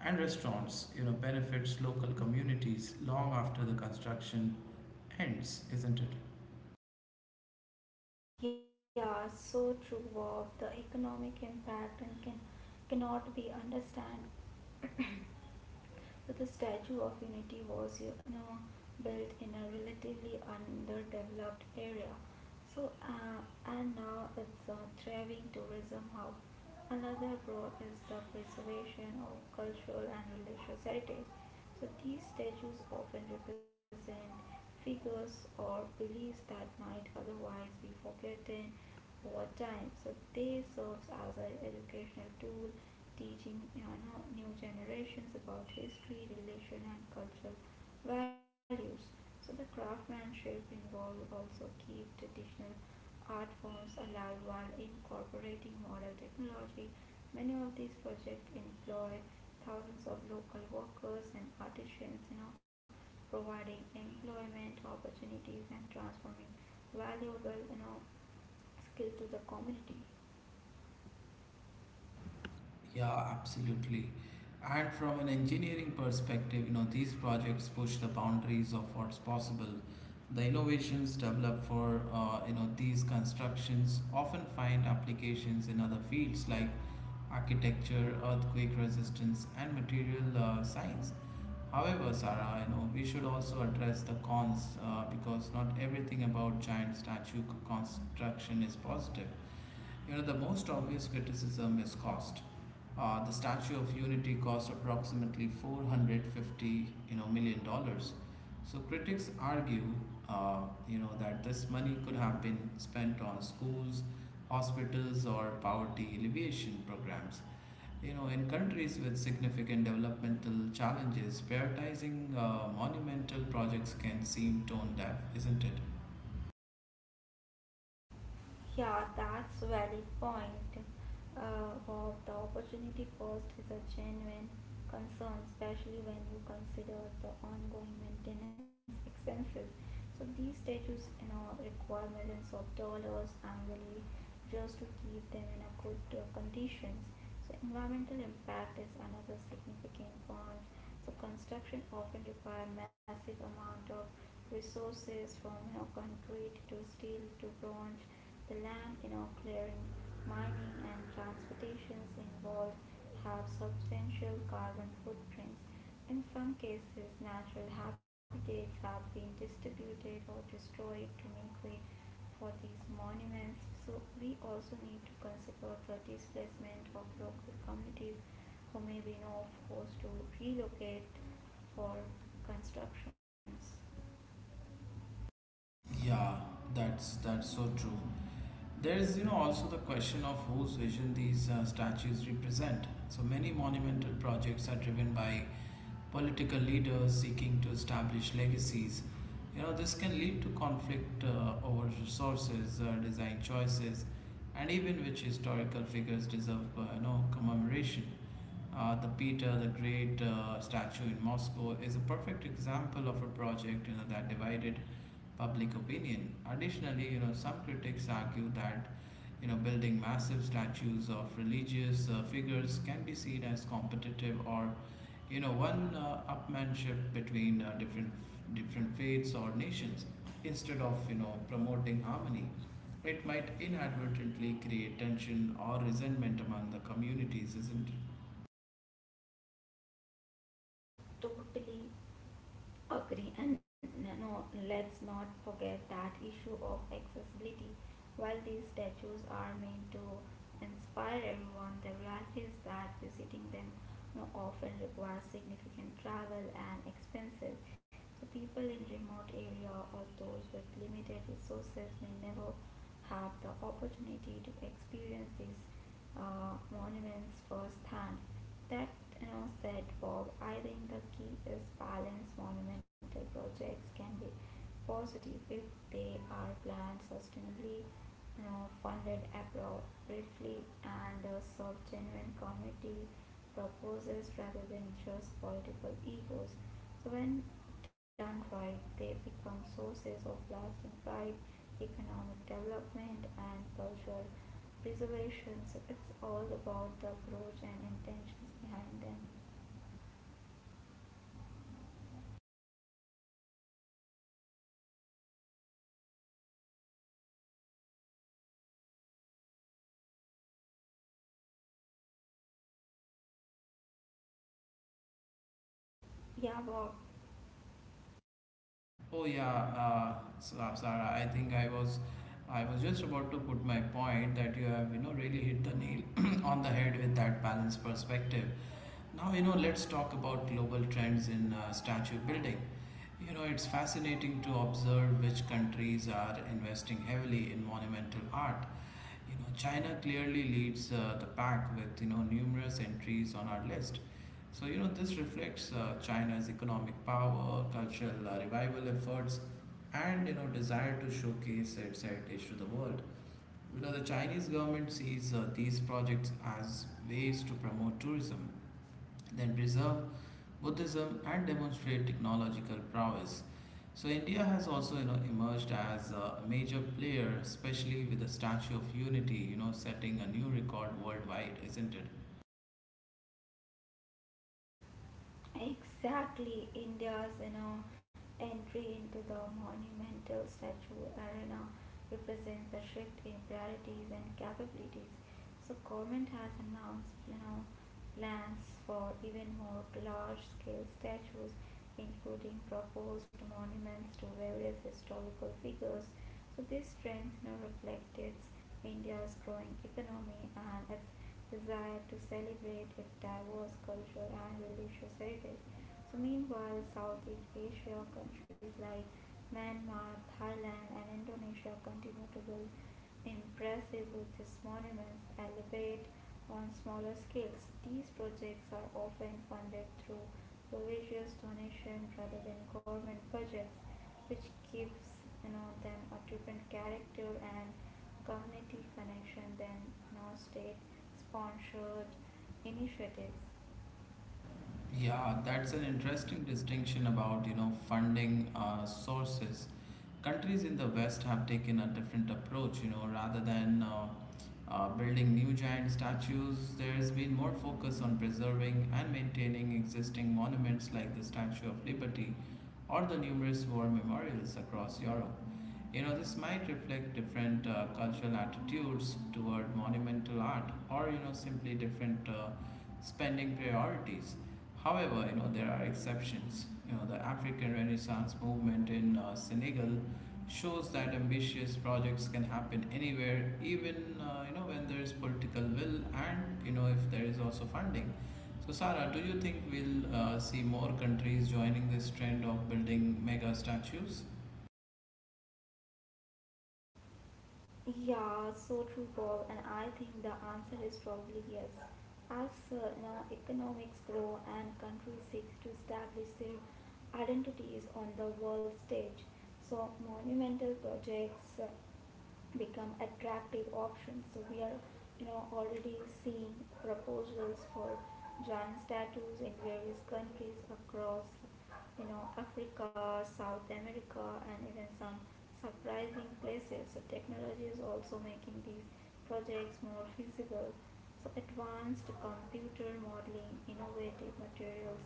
and restaurants, you know, benefits local communities long after the construction ends, isn't it? Yeah, so true, Bob. The economic impact and can, cannot be understand that the Statue of Unity was you know built in a relatively underdeveloped area. So uh, and now it's a thriving tourism hub. Another pro is the preservation of cultural and religious heritage. So these statues often represent figures or beliefs that might otherwise be forgotten over time. So they serves as an educational tool teaching you know new generations about history, religion, and cultural values. So the craftsmanship involved also keep traditional art forms alive while incorporating modern technology. Many of these projects employ thousands of local workers and artisans, you know, providing employment opportunities and transforming valuable, you know, skill to the community. Yeah, absolutely. And from an engineering perspective, you know, these projects push the boundaries of what's possible. The innovations developed for uh, you know these constructions often find applications in other fields like architecture, earthquake resistance, and material uh, science. However, Sarah, you know, we should also address the cons uh, because not everything about giant statue construction is positive. You know, the most obvious criticism is cost. Uh, the Statue of Unity cost approximately 450, you know, million dollars. So critics argue, uh, you know, that this money could have been spent on schools, hospitals, or poverty alleviation programs. You know, in countries with significant developmental challenges, prioritizing uh, monumental projects can seem tone deaf, isn't it? Yeah, that's valid point. Uh, Bob, the opportunity cost is a genuine concern, especially when you consider the ongoing maintenance expenses. So these statues, you know, require millions of dollars annually just to keep them in a good uh, conditions. So environmental impact is another significant one, so construction often require massive amount of resources from you know concrete to steel to bronze. The land you know clearing, mining and transportations involved have substantial carbon footprints. In some cases, natural habitats have been distributed or destroyed to make way for these monuments. So we also need to consider the displacement of local communities who may be no forced to relocate for constructions. Yeah, that's that's so true. There is, you know, also the question of whose vision these uh, statues represent. So many monumental projects are driven by political leaders seeking to establish legacies. You know, this can lead to conflict uh, over resources, uh, design choices, and even which historical figures deserve, uh, you know, commemoration. Uh, the Peter the Great uh, statue in Moscow is a perfect example of a project you know, that divided public opinion. Additionally, you know, some critics argue that you know building massive statues of religious uh, figures can be seen as competitive or you know one uh, upmanship between uh, different different faiths or nations instead of you know promoting harmony. It might inadvertently create tension or resentment among the communities, isn't it? Totally agree, and n- no, let's not forget that issue of accessibility. While these statues are meant to inspire everyone, the reality is that visiting them, you know, often requires significant travel and expenses. So people in remote area or those with limited resources may never have the opportunity to experience these uh, monuments firsthand. That you know said Bob, I think the key is balance. Monumental projects can be positive if they are planned sustainably, uh, funded appropriately, and uh, serve genuine community purposes rather than just political egos. So, when done right, they become sources of lasting pride, economic development, and cultural preservation. So, it's all about the approach and intentions behind them. Yeah, Bob. Oh yeah, uh, S- uh, Sarah. I think I was, I was just about to put my point that you have, you know, really hit the nail on the head with that balanced perspective. Now you know, let's talk about global trends in uh, statue building. You know, it's fascinating to observe which countries are investing heavily in monumental art you know, China clearly leads uh, the pack with you know numerous entries on our list. So you know this reflects uh, China's economic power, cultural uh, revival efforts, and you know desire to showcase its heritage to the world. You know the Chinese government sees uh, these projects as ways to promote tourism, then preserve Buddhism and demonstrate technological prowess. So India has also you know emerged as a major player, especially with the Statue of Unity, you know setting a new record worldwide, isn't it? Exactly, India's you know entry into the monumental statue arena represents a shift in priorities and capabilities. So government has announced you know plans for even more large-scale statues, including proposed monuments to various historical figures, so this trend now reflects India's growing economy and its desire to celebrate its diverse cultural and religious heritage. So meanwhile, Southeast Asia countries like Myanmar, Thailand, and Indonesia continue to build impressive Buddhist monuments, elevate on smaller scales. These projects are often funded through religious donations rather than government budgets, which gives you know them a different character and community connection than you know state sponsored initiatives. Yeah, that's an interesting distinction about, you know, funding uh, sources. Countries in the West have taken a different approach, you know, rather than uh, uh, building new giant statues, there's been more focus on preserving and maintaining existing monuments like the Statue of Liberty or the numerous war memorials across Europe. You know, this might reflect different uh, cultural attitudes toward monumental art or, you know, simply different uh, spending priorities. However, you know, there are exceptions. You know, the African Renaissance movement in uh, Senegal shows that ambitious projects can happen anywhere, even, uh, you know, when there is political will and, you know, if there is also funding. So, Sarah, do you think we'll uh, see more countries joining this trend of building mega statues? Yeah, so true, Paul. And I think the answer is probably yes. As uh, you know, economics grow and countries seek to establish their identities on the world stage, so monumental projects uh, become attractive options. So we are, you know, already seeing proposals for giant statues in various countries across you know Africa, South America, and even some surprising places. So technology is also making these projects more feasible. So advanced computer modeling, innovative materials,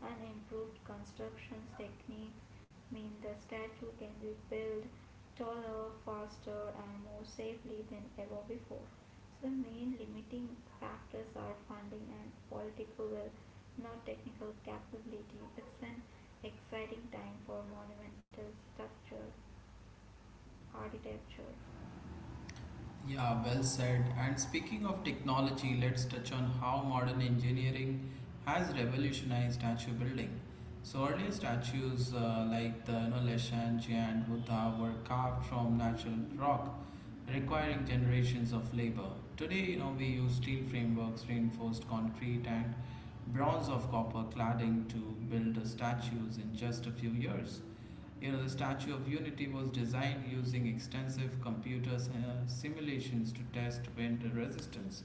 and improved construction techniques mean the statue can be built taller, faster, and more safely than ever before. So, the main limiting factors are funding and political will, not technical capability. It's an exciting time for monumental structure architecture. Yeah, well said. And speaking of technology, let's touch on how modern engineering has revolutionized statue building. So earlier statues uh, like the you know, Leshanji and Buddha were carved from natural rock, requiring generations of labor. Today, you know, we use steel frameworks, reinforced concrete, and bronze of copper cladding to build the statues in just a few years. You know, the Statue of Unity was designed using extensive computer uh, simulations to test wind resistance,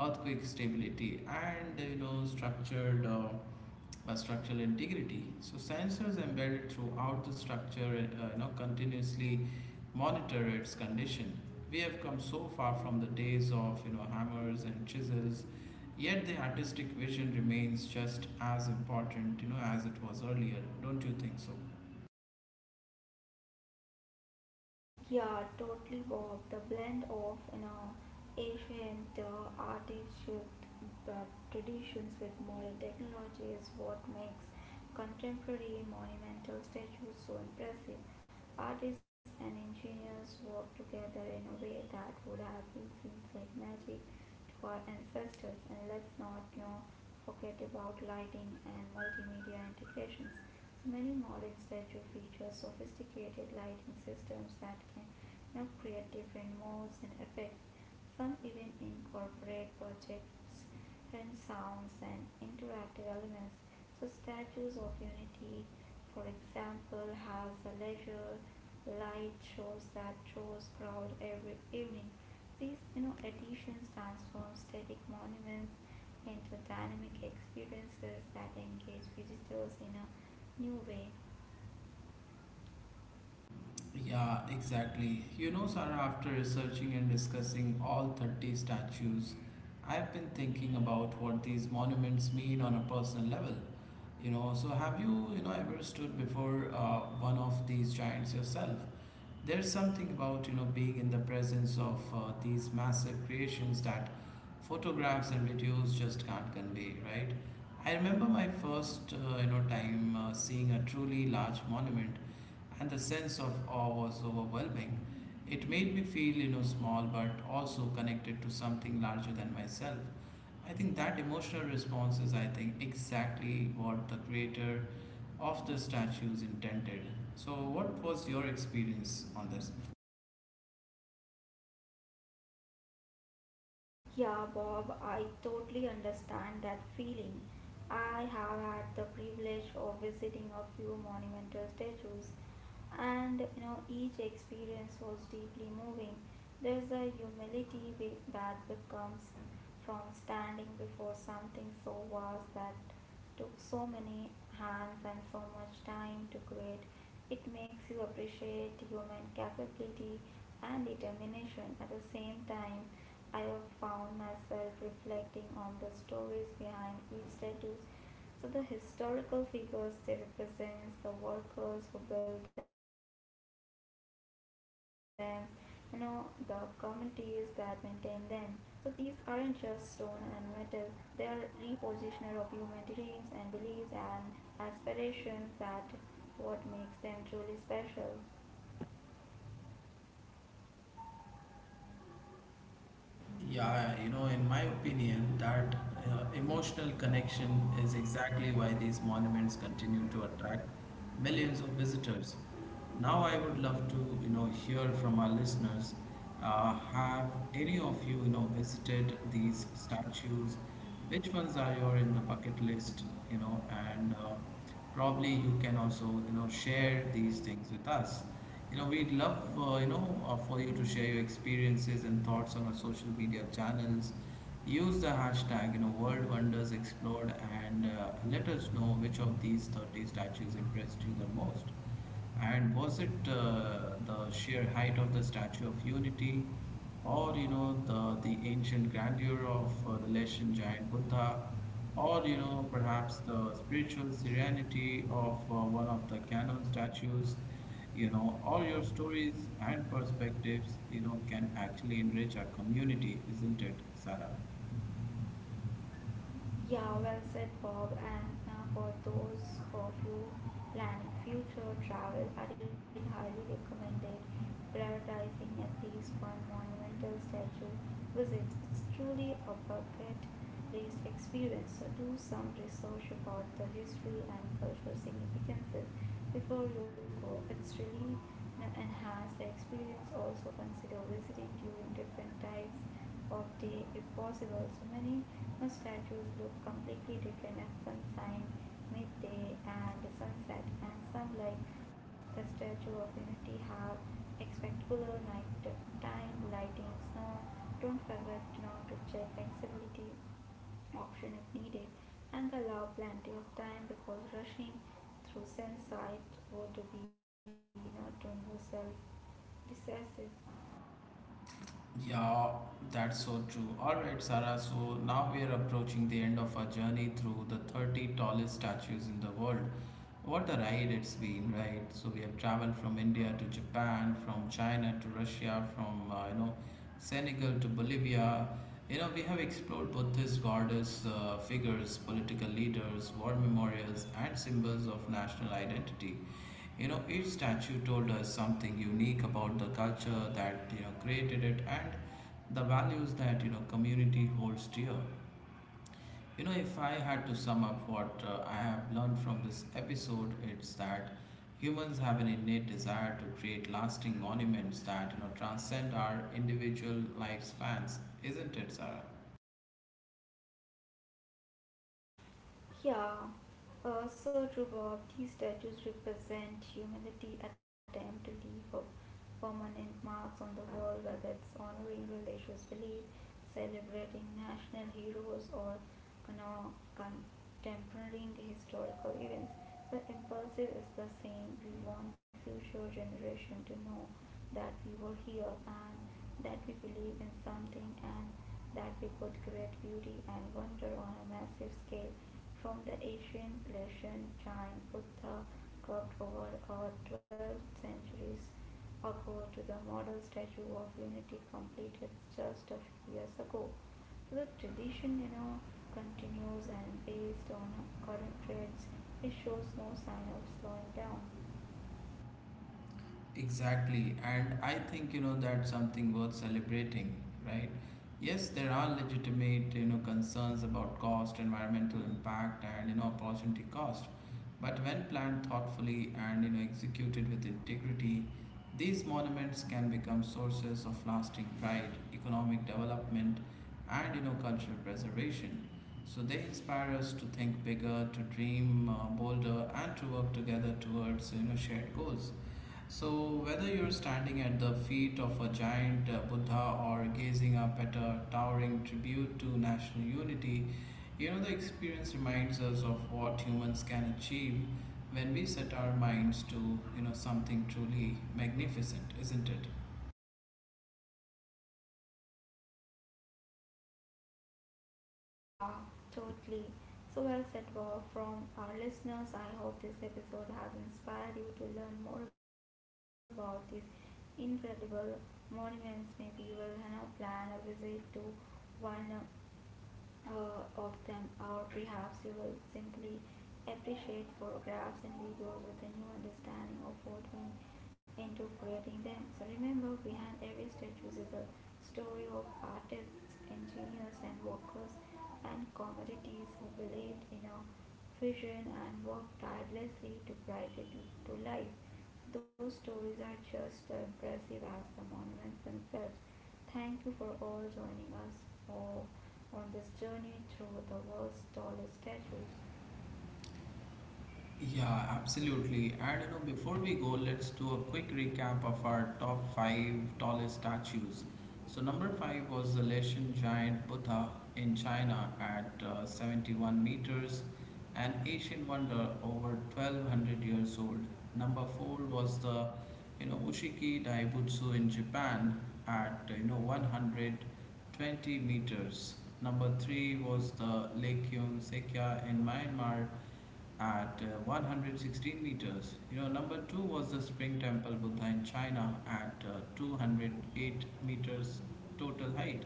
earthquake stability, and you know, structured uh, uh, structural integrity. So sensors embedded throughout the structure, uh, you know, continuously monitor its condition. We have come so far from the days of you know hammers and chisels, yet the artistic vision remains just as important, you know, as it was earlier. Don't you think so? Yeah, totally Bob. The blend of you know ancient uh, artistic uh, traditions with modern technology is what makes contemporary monumental statues so impressive. Artists and engineers work together in a way that would have been seen like magic to our ancestors. And let's not you know forget about lighting and multimedia integrations. Many modern statues feature sophisticated lighting systems that can now create different modes and effects. Some even incorporate projects and sounds and interactive elements. So statues of unity, for example, has a leisure light shows that draws crowd every evening. These you know additions transform static monuments into dynamic experiences that engage visitors in a new way. Yeah, exactly. You know, Sarah, after researching and discussing all thirty statues, I've been thinking about what these monuments mean on a personal level. You know, so have you, you know, ever stood before uh, one of these giants yourself? There's something about you know being in the presence of uh, these massive creations that photographs and videos just can't convey, right? I remember my first uh, you know time uh, seeing a truly large monument, and the sense of awe was overwhelming. It made me feel you know small, but also connected to something larger than myself. I think that emotional response is, I think, exactly what the creator of the statues intended. So, what was your experience on this? Yeah, Bob, I totally understand that feeling. I have had the privilege of visiting a few monumental statues, and you know, each experience was deeply moving. There's a humility be- that becomes from standing before something so vast that took so many hands and so much time to create. It makes you appreciate human capability and determination. At the same time, I have found myself reflecting on the stories behind each tattoo so the historical figures they represents the workers who build them, you know, the communities that maintain them. So these aren't just stone and metal; they are repositioner of human dreams and beliefs and aspirations that what makes them truly special. Yeah, you know, in my opinion, that uh, emotional connection is exactly why these monuments continue to attract millions of visitors. Now, I would love to, you know, hear from our listeners. Uh, have any of you, you know, visited these statues? Which ones are your in the bucket list, you know, and uh, probably you can also, you know, share these things with us. You know, we'd love, uh, you know, uh, for you to share your experiences and thoughts on our social media channels. Use the hashtag, you know, World Wonders Explored and uh, let us know which of these thirty statues impressed you the most. And was it uh, the sheer height of the Statue of Unity, or you know the the ancient grandeur of uh, the Laotian giant Buddha, or you know perhaps the spiritual serenity of uh, one of the canon statues? You know, all your stories and perspectives, you know, can actually enrich our community, isn't it, Sarah? Yeah, well said, Bob. And uh, for those of you planning future travel, I did highly recommend it. Prioritizing at least one monumental statue visit. It's truly a bucket list experience. So do some research about the history and cultural significances before you go. It's really, you know, enhance the experience. Also consider visiting during different types of day if possible. So many statues look completely different at sunshine, midday, and sunset, and some, like the Statue of Unity, have spectacular night time lighting. Snow. Don't forget not to check accessibility option if needed, and allow plenty of time because rushing through sunset would be not on yourself decisive. Yeah, that's so true. All right, Sarah. So now we are approaching the end of our journey through the thirty tallest statues in the world. What a ride it's been, right? So we have traveled from India to Japan, from China to Russia, from uh, you know Senegal to Bolivia. You know we have explored Buddhist goddess uh, figures, political leaders, war memorials, and symbols of national identity. You know, each statue told us something unique about the culture that, you know, created it and the values that, you know, community holds dear. You know, if I had to sum up what uh, I have learned from this episode, it's that humans have an innate desire to create lasting monuments that, you know, transcend our individual lifespans, isn't it, Sarah? Yeah, uh, so true, Bob. These statues represent humanity attempt to leave a permanent marks on the world, whether it's honoring religious belief, celebrating national heroes, or cono- contemporary historical events. The impulsive is the same. We want future generation to know that we were here and that we believe in something and that we could create beauty and wonder on a massive scale from the ancient lesson, Jain Buddha cropped over our twelve centuries ago to the model statue of unity completed just a few years ago. The tradition, you know, continues and based on current trends, it shows no sign of slowing down. Exactly, and I think you know that's something worth celebrating, right? Yes, there are legitimate you know concerns about cost, environmental impact, and you know opportunity cost, but when planned thoughtfully and you know executed with integrity, these monuments can become sources of lasting pride, economic development, and you know cultural preservation. So they inspire us to think bigger, to dream uh, bolder, and to work together towards you know shared goals. So, whether you're standing at the feet of a giant uh, Buddha or gazing up at a towering tribute to national unity, you know, the experience reminds us of what humans can achieve when we set our minds to, you know, something truly magnificent, isn't it? Yeah, totally. So well said, Bob. From our listeners, I hope this episode has inspired you to learn more about these incredible monuments. Maybe you will, you know, plan a visit to one uh, uh, of them, or perhaps you will simply appreciate photographs and videos with a new understanding of what went into creating them. So remember, behind every statue is a story of artists, engineers, and workers and commodities who believed in a vision and worked tirelessly to bring it to life. Those stories are just as impressive as the monuments themselves. Thank you for all joining us for, on this journey through the world's tallest statues. Yeah, absolutely. And you know, before we go, let's do a quick recap of our top five tallest statues. So number five was the Latian giant Buddha in China at uh, seventy-one meters, an ancient wonder over twelve hundred years old. Number four was the you know Ushiki Daibutsu in Japan at you know one hundred twenty meters. Number three was the Lake Yung Sekya in Myanmar at uh, one hundred sixteen meters. You know, number two was the Spring Temple Buddha in China at uh, two hundred eight meters total height.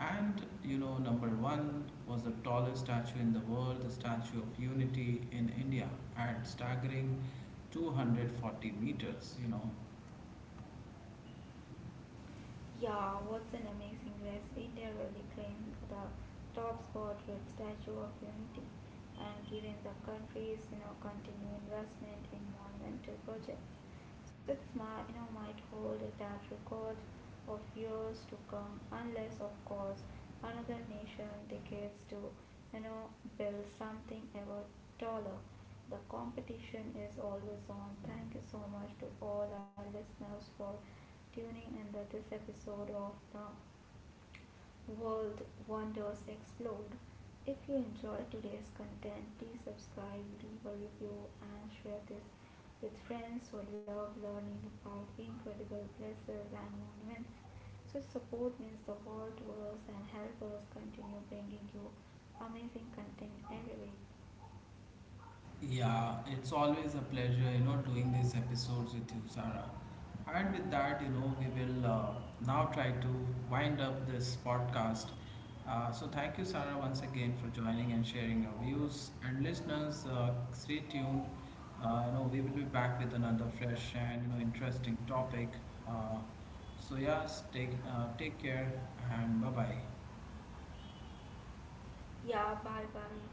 And you know, number one was the tallest statue in the world, the Statue of Unity in India at staggering two hundred forty meters. You know, Yeah, what's an amazing race? India really claimed the top spot with Statue of Unity and given the country's you know continued investment in monumental projects. So it's might, you know, might hold that record of years to come unless of course another nation decades to, you know, build something ever taller. The competition is always on. Thank you so much to all our listeners for tuning in to this episode of the World Wonders Explode. If you enjoyed today's content, please subscribe, leave a review, and share this with friends who love learning about incredible places and monuments. So, support means the world to us and help us continue bringing you amazing content every week. yeah, it's always a pleasure, you know, doing these episodes with you, Sarah. And with that, you know, we will uh, now try to wind up this podcast. Uh, so, thank you, Sarah, once again for joining and sharing your views. And listeners, uh, stay tuned. Uh, you know, we will be back with another fresh and you know interesting topic. Uh, so, yes, take uh, take care and bye bye. Yeah, bye bye.